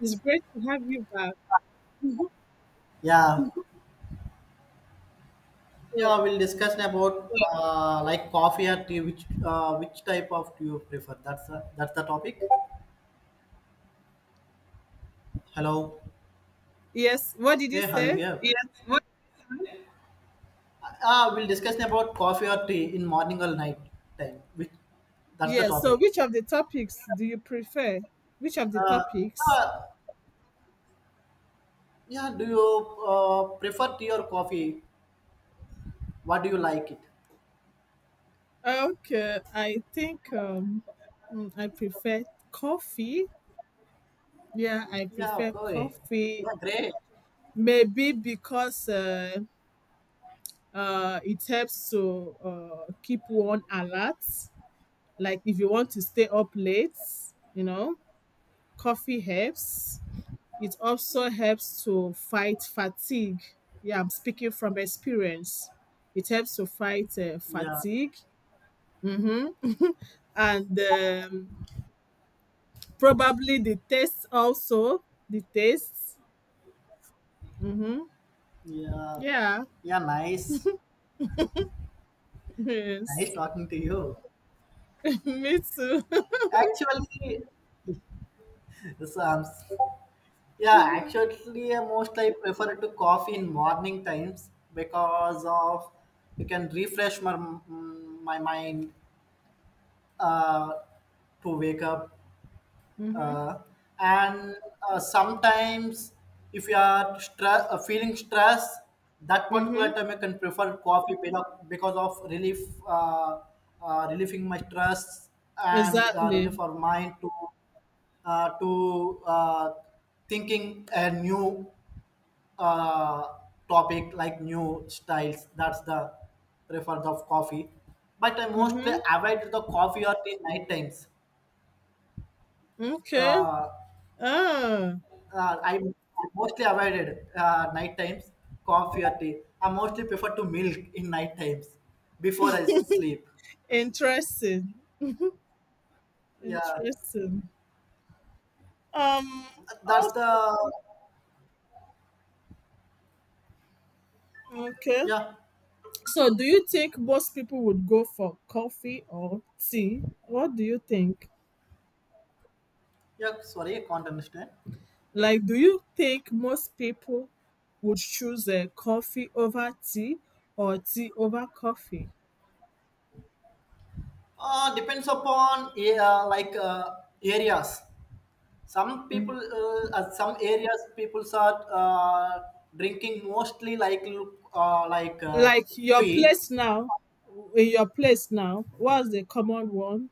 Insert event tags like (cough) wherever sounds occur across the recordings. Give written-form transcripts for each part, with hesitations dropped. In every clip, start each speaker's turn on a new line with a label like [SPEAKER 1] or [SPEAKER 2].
[SPEAKER 1] It's great to have you back. (laughs)
[SPEAKER 2] Yeah,
[SPEAKER 1] So,
[SPEAKER 2] yeah. We'll discuss about like coffee or tea. Which type of do you prefer? That's the topic. Hello.
[SPEAKER 1] yes, what did you
[SPEAKER 2] Hey, are you
[SPEAKER 1] say?
[SPEAKER 2] here? Ah, we'll discuss about coffee or tea in morning or night time. Which that's the
[SPEAKER 1] Yes, so
[SPEAKER 2] topic.
[SPEAKER 1] which of the topics do you prefer? Which of the
[SPEAKER 2] Uh,
[SPEAKER 1] topics?
[SPEAKER 2] uh, yeah. Do you prefer tea or coffee? What do you like it?
[SPEAKER 1] Okay, I think I prefer coffee. Yeah, I
[SPEAKER 2] Yeah.
[SPEAKER 1] prefer
[SPEAKER 2] Okay.
[SPEAKER 1] coffee.
[SPEAKER 2] Yeah. Great.
[SPEAKER 1] Maybe because it helps to keep one alert. Like if you want to stay up late, you know, coffee helps. It also helps to fight fatigue. Yeah, I'm speaking from experience. It helps to fight
[SPEAKER 2] Yeah.
[SPEAKER 1] fatigue. hmm And probably the taste also. The taste. hmm
[SPEAKER 2] Yeah.
[SPEAKER 1] Yeah. (laughs)
[SPEAKER 2] Yeah. Nice. Nice
[SPEAKER 1] Yes.
[SPEAKER 2] talking to you.
[SPEAKER 1] (laughs) Me too.
[SPEAKER 2] Actually. The Psalms. Yeah,
[SPEAKER 1] (laughs)
[SPEAKER 2] actually, most I prefer to coffee in morning times because of you can refresh my my mind uh, to wake up.
[SPEAKER 1] Mm-hmm.
[SPEAKER 2] Uh, and sometimes, if you are feeling stress, that
[SPEAKER 1] Mm-hmm.
[SPEAKER 2] particular time I can prefer coffee because of relief, uh, relieving my stress and relief
[SPEAKER 1] Exactly.
[SPEAKER 2] for mind to uh, to uh, thinking a new uh, topic like new styles. That's the preference of coffee. But I mostly
[SPEAKER 1] Mm-hmm.
[SPEAKER 2] avoid the coffee or tea night times.
[SPEAKER 1] Okay.
[SPEAKER 2] Uh,
[SPEAKER 1] Ah,
[SPEAKER 2] I mostly avoided night times coffee or tea. I mostly prefer to milk in night times before I sleep.
[SPEAKER 1] interesting.
[SPEAKER 2] Yeah,
[SPEAKER 1] Interesting. Um.
[SPEAKER 2] that's the
[SPEAKER 1] Also, okay.
[SPEAKER 2] yeah
[SPEAKER 1] So, do you think most people would go for coffee or tea? What do you think?
[SPEAKER 2] yeah. Sorry, I can't understand.
[SPEAKER 1] Like, do you think most people would choose a coffee over tea or tea over coffee?
[SPEAKER 2] Depends upon areas. Some people,
[SPEAKER 1] Mhm.
[SPEAKER 2] some areas, people are drinking mostly like look,
[SPEAKER 1] Like your
[SPEAKER 2] tea.
[SPEAKER 1] place now, in your place now, what's the common one?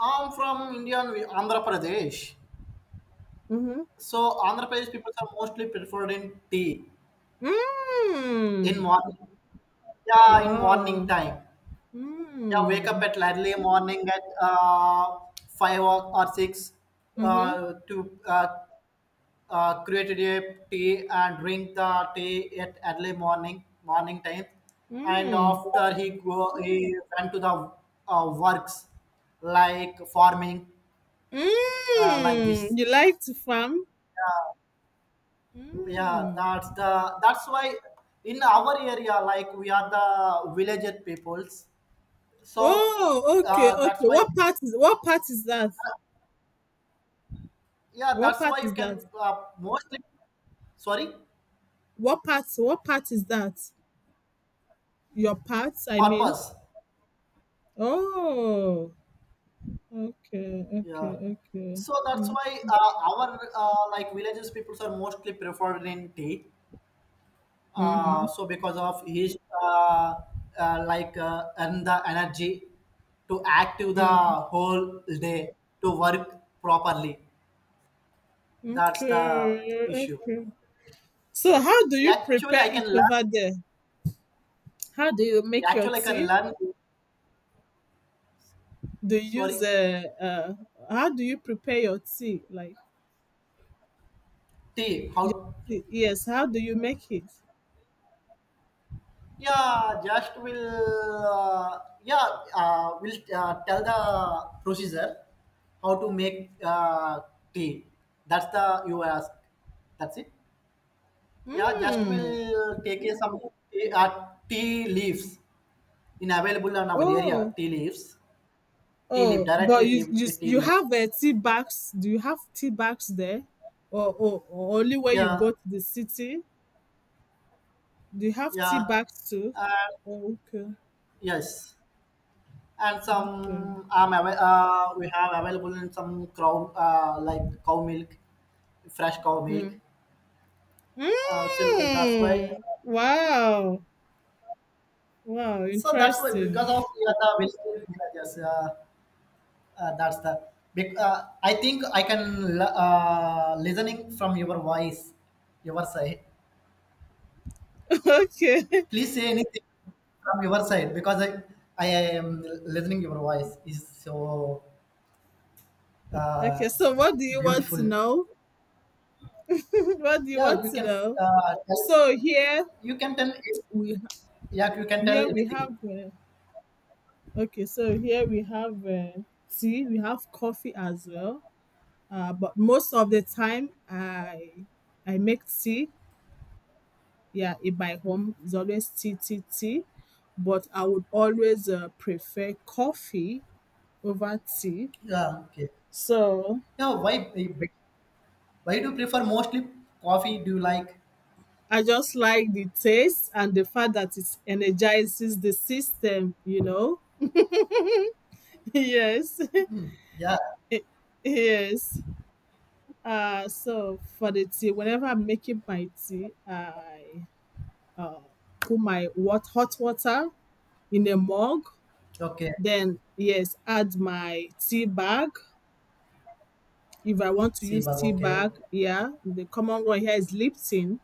[SPEAKER 2] I'm from India, and Andhra Pradesh.
[SPEAKER 1] Mm-hmm.
[SPEAKER 2] So Andhra Pradesh people are mostly preferred in tea in
[SPEAKER 1] Mm.
[SPEAKER 2] morning. Yeah, in morning
[SPEAKER 1] Wow.
[SPEAKER 2] time. Yeah, wake up
[SPEAKER 1] Mm.
[SPEAKER 2] at early morning at five or six
[SPEAKER 1] Mm-hmm.
[SPEAKER 2] to created a tea and drink the tea at early morning time and
[SPEAKER 1] Mm.
[SPEAKER 2] after he go he went to the works like farming like
[SPEAKER 1] Mm.
[SPEAKER 2] this.
[SPEAKER 1] You like to farm?
[SPEAKER 2] Uh, yeah
[SPEAKER 1] Mm.
[SPEAKER 2] that's why in our area like we are the villaged peoples, so
[SPEAKER 1] Oh, okay, okay.
[SPEAKER 2] that's why
[SPEAKER 1] What part is that?
[SPEAKER 2] yeah
[SPEAKER 1] What
[SPEAKER 2] that's
[SPEAKER 1] part
[SPEAKER 2] why you
[SPEAKER 1] is
[SPEAKER 2] can
[SPEAKER 1] that?
[SPEAKER 2] uh, mostly sorry
[SPEAKER 1] What part is that? Your part, I mean.
[SPEAKER 2] purpose.
[SPEAKER 1] Oh, okay, okay,
[SPEAKER 2] Yeah.
[SPEAKER 1] okay.
[SPEAKER 2] So that's
[SPEAKER 1] Mm,
[SPEAKER 2] why our like villages peoples are mostly preferred in tea.
[SPEAKER 1] Mhm.
[SPEAKER 2] So because of his and the energy to active the
[SPEAKER 1] Mm.
[SPEAKER 2] whole day to work properly. That's the
[SPEAKER 1] Okay,
[SPEAKER 2] issue.
[SPEAKER 1] okay. So how do you
[SPEAKER 2] Actually,
[SPEAKER 1] prepare
[SPEAKER 2] I
[SPEAKER 1] it
[SPEAKER 2] can
[SPEAKER 1] over
[SPEAKER 2] learn.
[SPEAKER 1] there? How do you make your
[SPEAKER 2] Actually, I can
[SPEAKER 1] tea?
[SPEAKER 2] learn.
[SPEAKER 1] Do you
[SPEAKER 2] Sorry,
[SPEAKER 1] use how do you prepare your tea? Like
[SPEAKER 2] tea.
[SPEAKER 1] your
[SPEAKER 2] How?
[SPEAKER 1] tea? Yes, how do you make it?
[SPEAKER 2] Yeah, just will uh, yeah will tell the procedure how to make tea. That's the you ask. That's it. Yeah, just
[SPEAKER 1] Mm.
[SPEAKER 2] will take a some tea, tea leaves in available on our area.
[SPEAKER 1] Oh,
[SPEAKER 2] Tea leaves, tea leaf
[SPEAKER 1] Oh, but
[SPEAKER 2] directly
[SPEAKER 1] you you
[SPEAKER 2] tea
[SPEAKER 1] you
[SPEAKER 2] leaf.
[SPEAKER 1] have tea bags? Do you have tea bags there, or, or only when you
[SPEAKER 2] Yeah,
[SPEAKER 1] go to the city? Do you have tea
[SPEAKER 2] yeah,
[SPEAKER 1] bags too? Oh, okay.
[SPEAKER 2] yes. And
[SPEAKER 1] Okay.
[SPEAKER 2] some we have available in some cow milk, fresh cow milk
[SPEAKER 1] Mm.
[SPEAKER 2] uh, so that's why
[SPEAKER 1] Mm. Wow. Wow.
[SPEAKER 2] so that's why because
[SPEAKER 1] Interesting.
[SPEAKER 2] of yeah, the visible images that's the I think I can listening from your voice your side.
[SPEAKER 1] (laughs) Okay.
[SPEAKER 2] Please say anything from your side because I am listening your voice is so uh,
[SPEAKER 1] Okay. So, what do you want to
[SPEAKER 2] beautiful.
[SPEAKER 1] know? (laughs) What do you want
[SPEAKER 2] Yeah, you
[SPEAKER 1] to
[SPEAKER 2] can
[SPEAKER 1] know?
[SPEAKER 2] tell,
[SPEAKER 1] So
[SPEAKER 2] you can tell,
[SPEAKER 1] we
[SPEAKER 2] yeah you can tell
[SPEAKER 1] here we
[SPEAKER 2] anything.
[SPEAKER 1] have. Okay. So here we have tea. We have coffee as well. But most of the time, I make tea. Yeah, in my home, it's always tea, tea, tea. But I would always prefer coffee over tea.
[SPEAKER 2] Yeah, okay.
[SPEAKER 1] So
[SPEAKER 2] Yeah, why do you prefer mostly coffee, do you like?
[SPEAKER 1] I just like the taste and the fact that it energizes the system. You know. (laughs) Yes.
[SPEAKER 2] Yeah.
[SPEAKER 1] (laughs) yes. So for the tea, whenever I'm making my tea, I put my hot water in a mug.
[SPEAKER 2] Okay.
[SPEAKER 1] Then yes, add my tea bag. If I want to use
[SPEAKER 2] Seabug.
[SPEAKER 1] tea
[SPEAKER 2] Okay.
[SPEAKER 1] bag, yeah. The common one here is Lipton.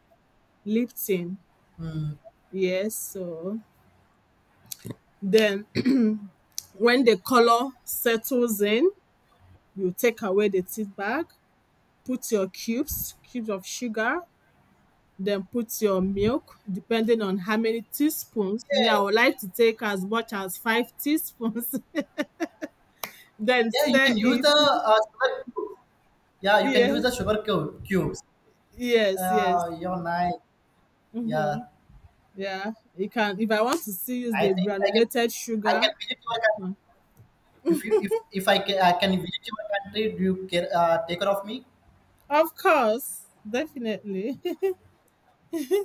[SPEAKER 1] Lipton.
[SPEAKER 2] Mm.
[SPEAKER 1] Yes. So then (clears throat) when the color settles in, you take away the tea bag, put your cubes, cubes of sugar, then put your milk, depending on how many teaspoons. Me, I
[SPEAKER 2] Yeah.
[SPEAKER 1] would like to take as much as 5 teaspoons, (laughs) then
[SPEAKER 2] Yeah. You
[SPEAKER 1] stir
[SPEAKER 2] can use
[SPEAKER 1] it.
[SPEAKER 2] the
[SPEAKER 1] (laughs)
[SPEAKER 2] sugar cubes. Yeah. You can
[SPEAKER 1] Yeah.
[SPEAKER 2] use the cubes.
[SPEAKER 1] Yes, yes.
[SPEAKER 2] You're nice. Yeah.
[SPEAKER 1] Mhm. Yeah, you can. If I want to still use
[SPEAKER 2] I
[SPEAKER 1] the
[SPEAKER 2] think I can.
[SPEAKER 1] granulated
[SPEAKER 2] I
[SPEAKER 1] sugar,
[SPEAKER 2] can visit your country.
[SPEAKER 1] mm,
[SPEAKER 2] If you if I can I can visit your country, do you care? Take care of me.
[SPEAKER 1] of course, definitely.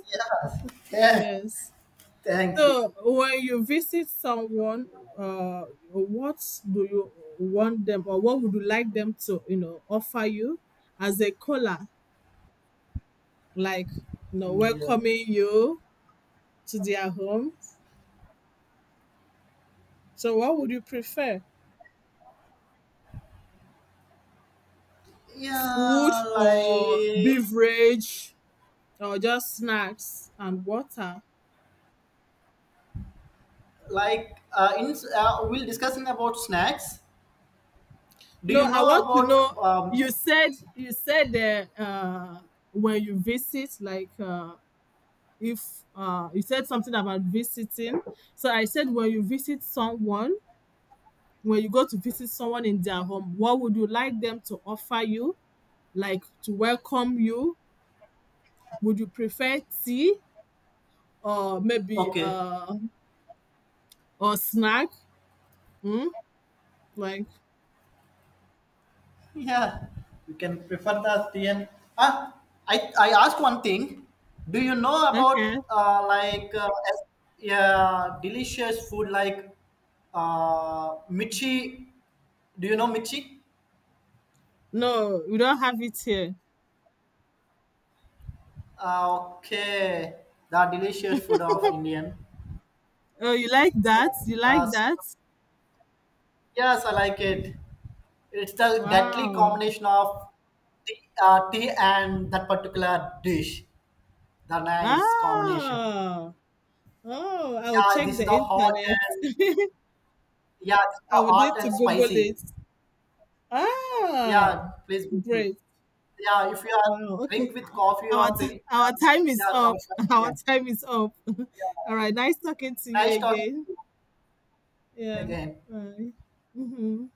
[SPEAKER 2] Yeah.
[SPEAKER 1] (laughs)
[SPEAKER 2] (laughs) Yeah.
[SPEAKER 1] yes.
[SPEAKER 2] Thank you.
[SPEAKER 1] So when you visit someone, uh, what do you want them, or what would you like them to, you know, offer you as a caller, like, you know,
[SPEAKER 2] Yeah.
[SPEAKER 1] welcoming you to their home? So what would you prefer, food
[SPEAKER 2] Yeah.
[SPEAKER 1] or beverage, or just snacks and water?
[SPEAKER 2] Like in we'll discussing about snacks. Do you
[SPEAKER 1] No, I
[SPEAKER 2] know
[SPEAKER 1] want to
[SPEAKER 2] about
[SPEAKER 1] know.
[SPEAKER 2] um?
[SPEAKER 1] You said you said that when you visit, like if you said something about visiting. So I said when you visit someone, when you go to visit someone in their home, what would you like them to offer you, like to welcome you? Would you prefer tea or maybe
[SPEAKER 2] Okay.
[SPEAKER 1] or snack? Hmm. Like
[SPEAKER 2] Yeah, you can prefer the TN. Ah, I asked one thing. Do you know
[SPEAKER 1] okay,
[SPEAKER 2] about yeah delicious food like Michi? Do you know Michi?
[SPEAKER 1] no, we don't have it here.
[SPEAKER 2] Okay, the delicious food of Indian.
[SPEAKER 1] Oh, you like that? You like
[SPEAKER 2] Uh, s-
[SPEAKER 1] that?
[SPEAKER 2] yes, I like it. It's the deadly
[SPEAKER 1] Wow.
[SPEAKER 2] combination of tea and that particular dish. The nice combination.
[SPEAKER 1] Ah, oh, I will
[SPEAKER 2] Yeah,
[SPEAKER 1] check
[SPEAKER 2] this is
[SPEAKER 1] the
[SPEAKER 2] the hot
[SPEAKER 1] internet.
[SPEAKER 2] and
[SPEAKER 1] (laughs)
[SPEAKER 2] yeah, it's
[SPEAKER 1] I would need
[SPEAKER 2] hot
[SPEAKER 1] to
[SPEAKER 2] and
[SPEAKER 1] Google
[SPEAKER 2] spicy.
[SPEAKER 1] it.
[SPEAKER 2] Yeah,
[SPEAKER 1] Ah,
[SPEAKER 2] please, be free.
[SPEAKER 1] great.
[SPEAKER 2] Yeah, if you are
[SPEAKER 1] Wow. Okay.
[SPEAKER 2] drink with coffee
[SPEAKER 1] Our
[SPEAKER 2] or tea.
[SPEAKER 1] our time is
[SPEAKER 2] Yeah,
[SPEAKER 1] up.
[SPEAKER 2] or
[SPEAKER 1] (laughs)
[SPEAKER 2] something,
[SPEAKER 1] Our
[SPEAKER 2] yeah.
[SPEAKER 1] time is up. (laughs) All right. Nice talking to you
[SPEAKER 2] Nice talking
[SPEAKER 1] again.
[SPEAKER 2] to you
[SPEAKER 1] Yeah.
[SPEAKER 2] again.
[SPEAKER 1] Bye. Hmm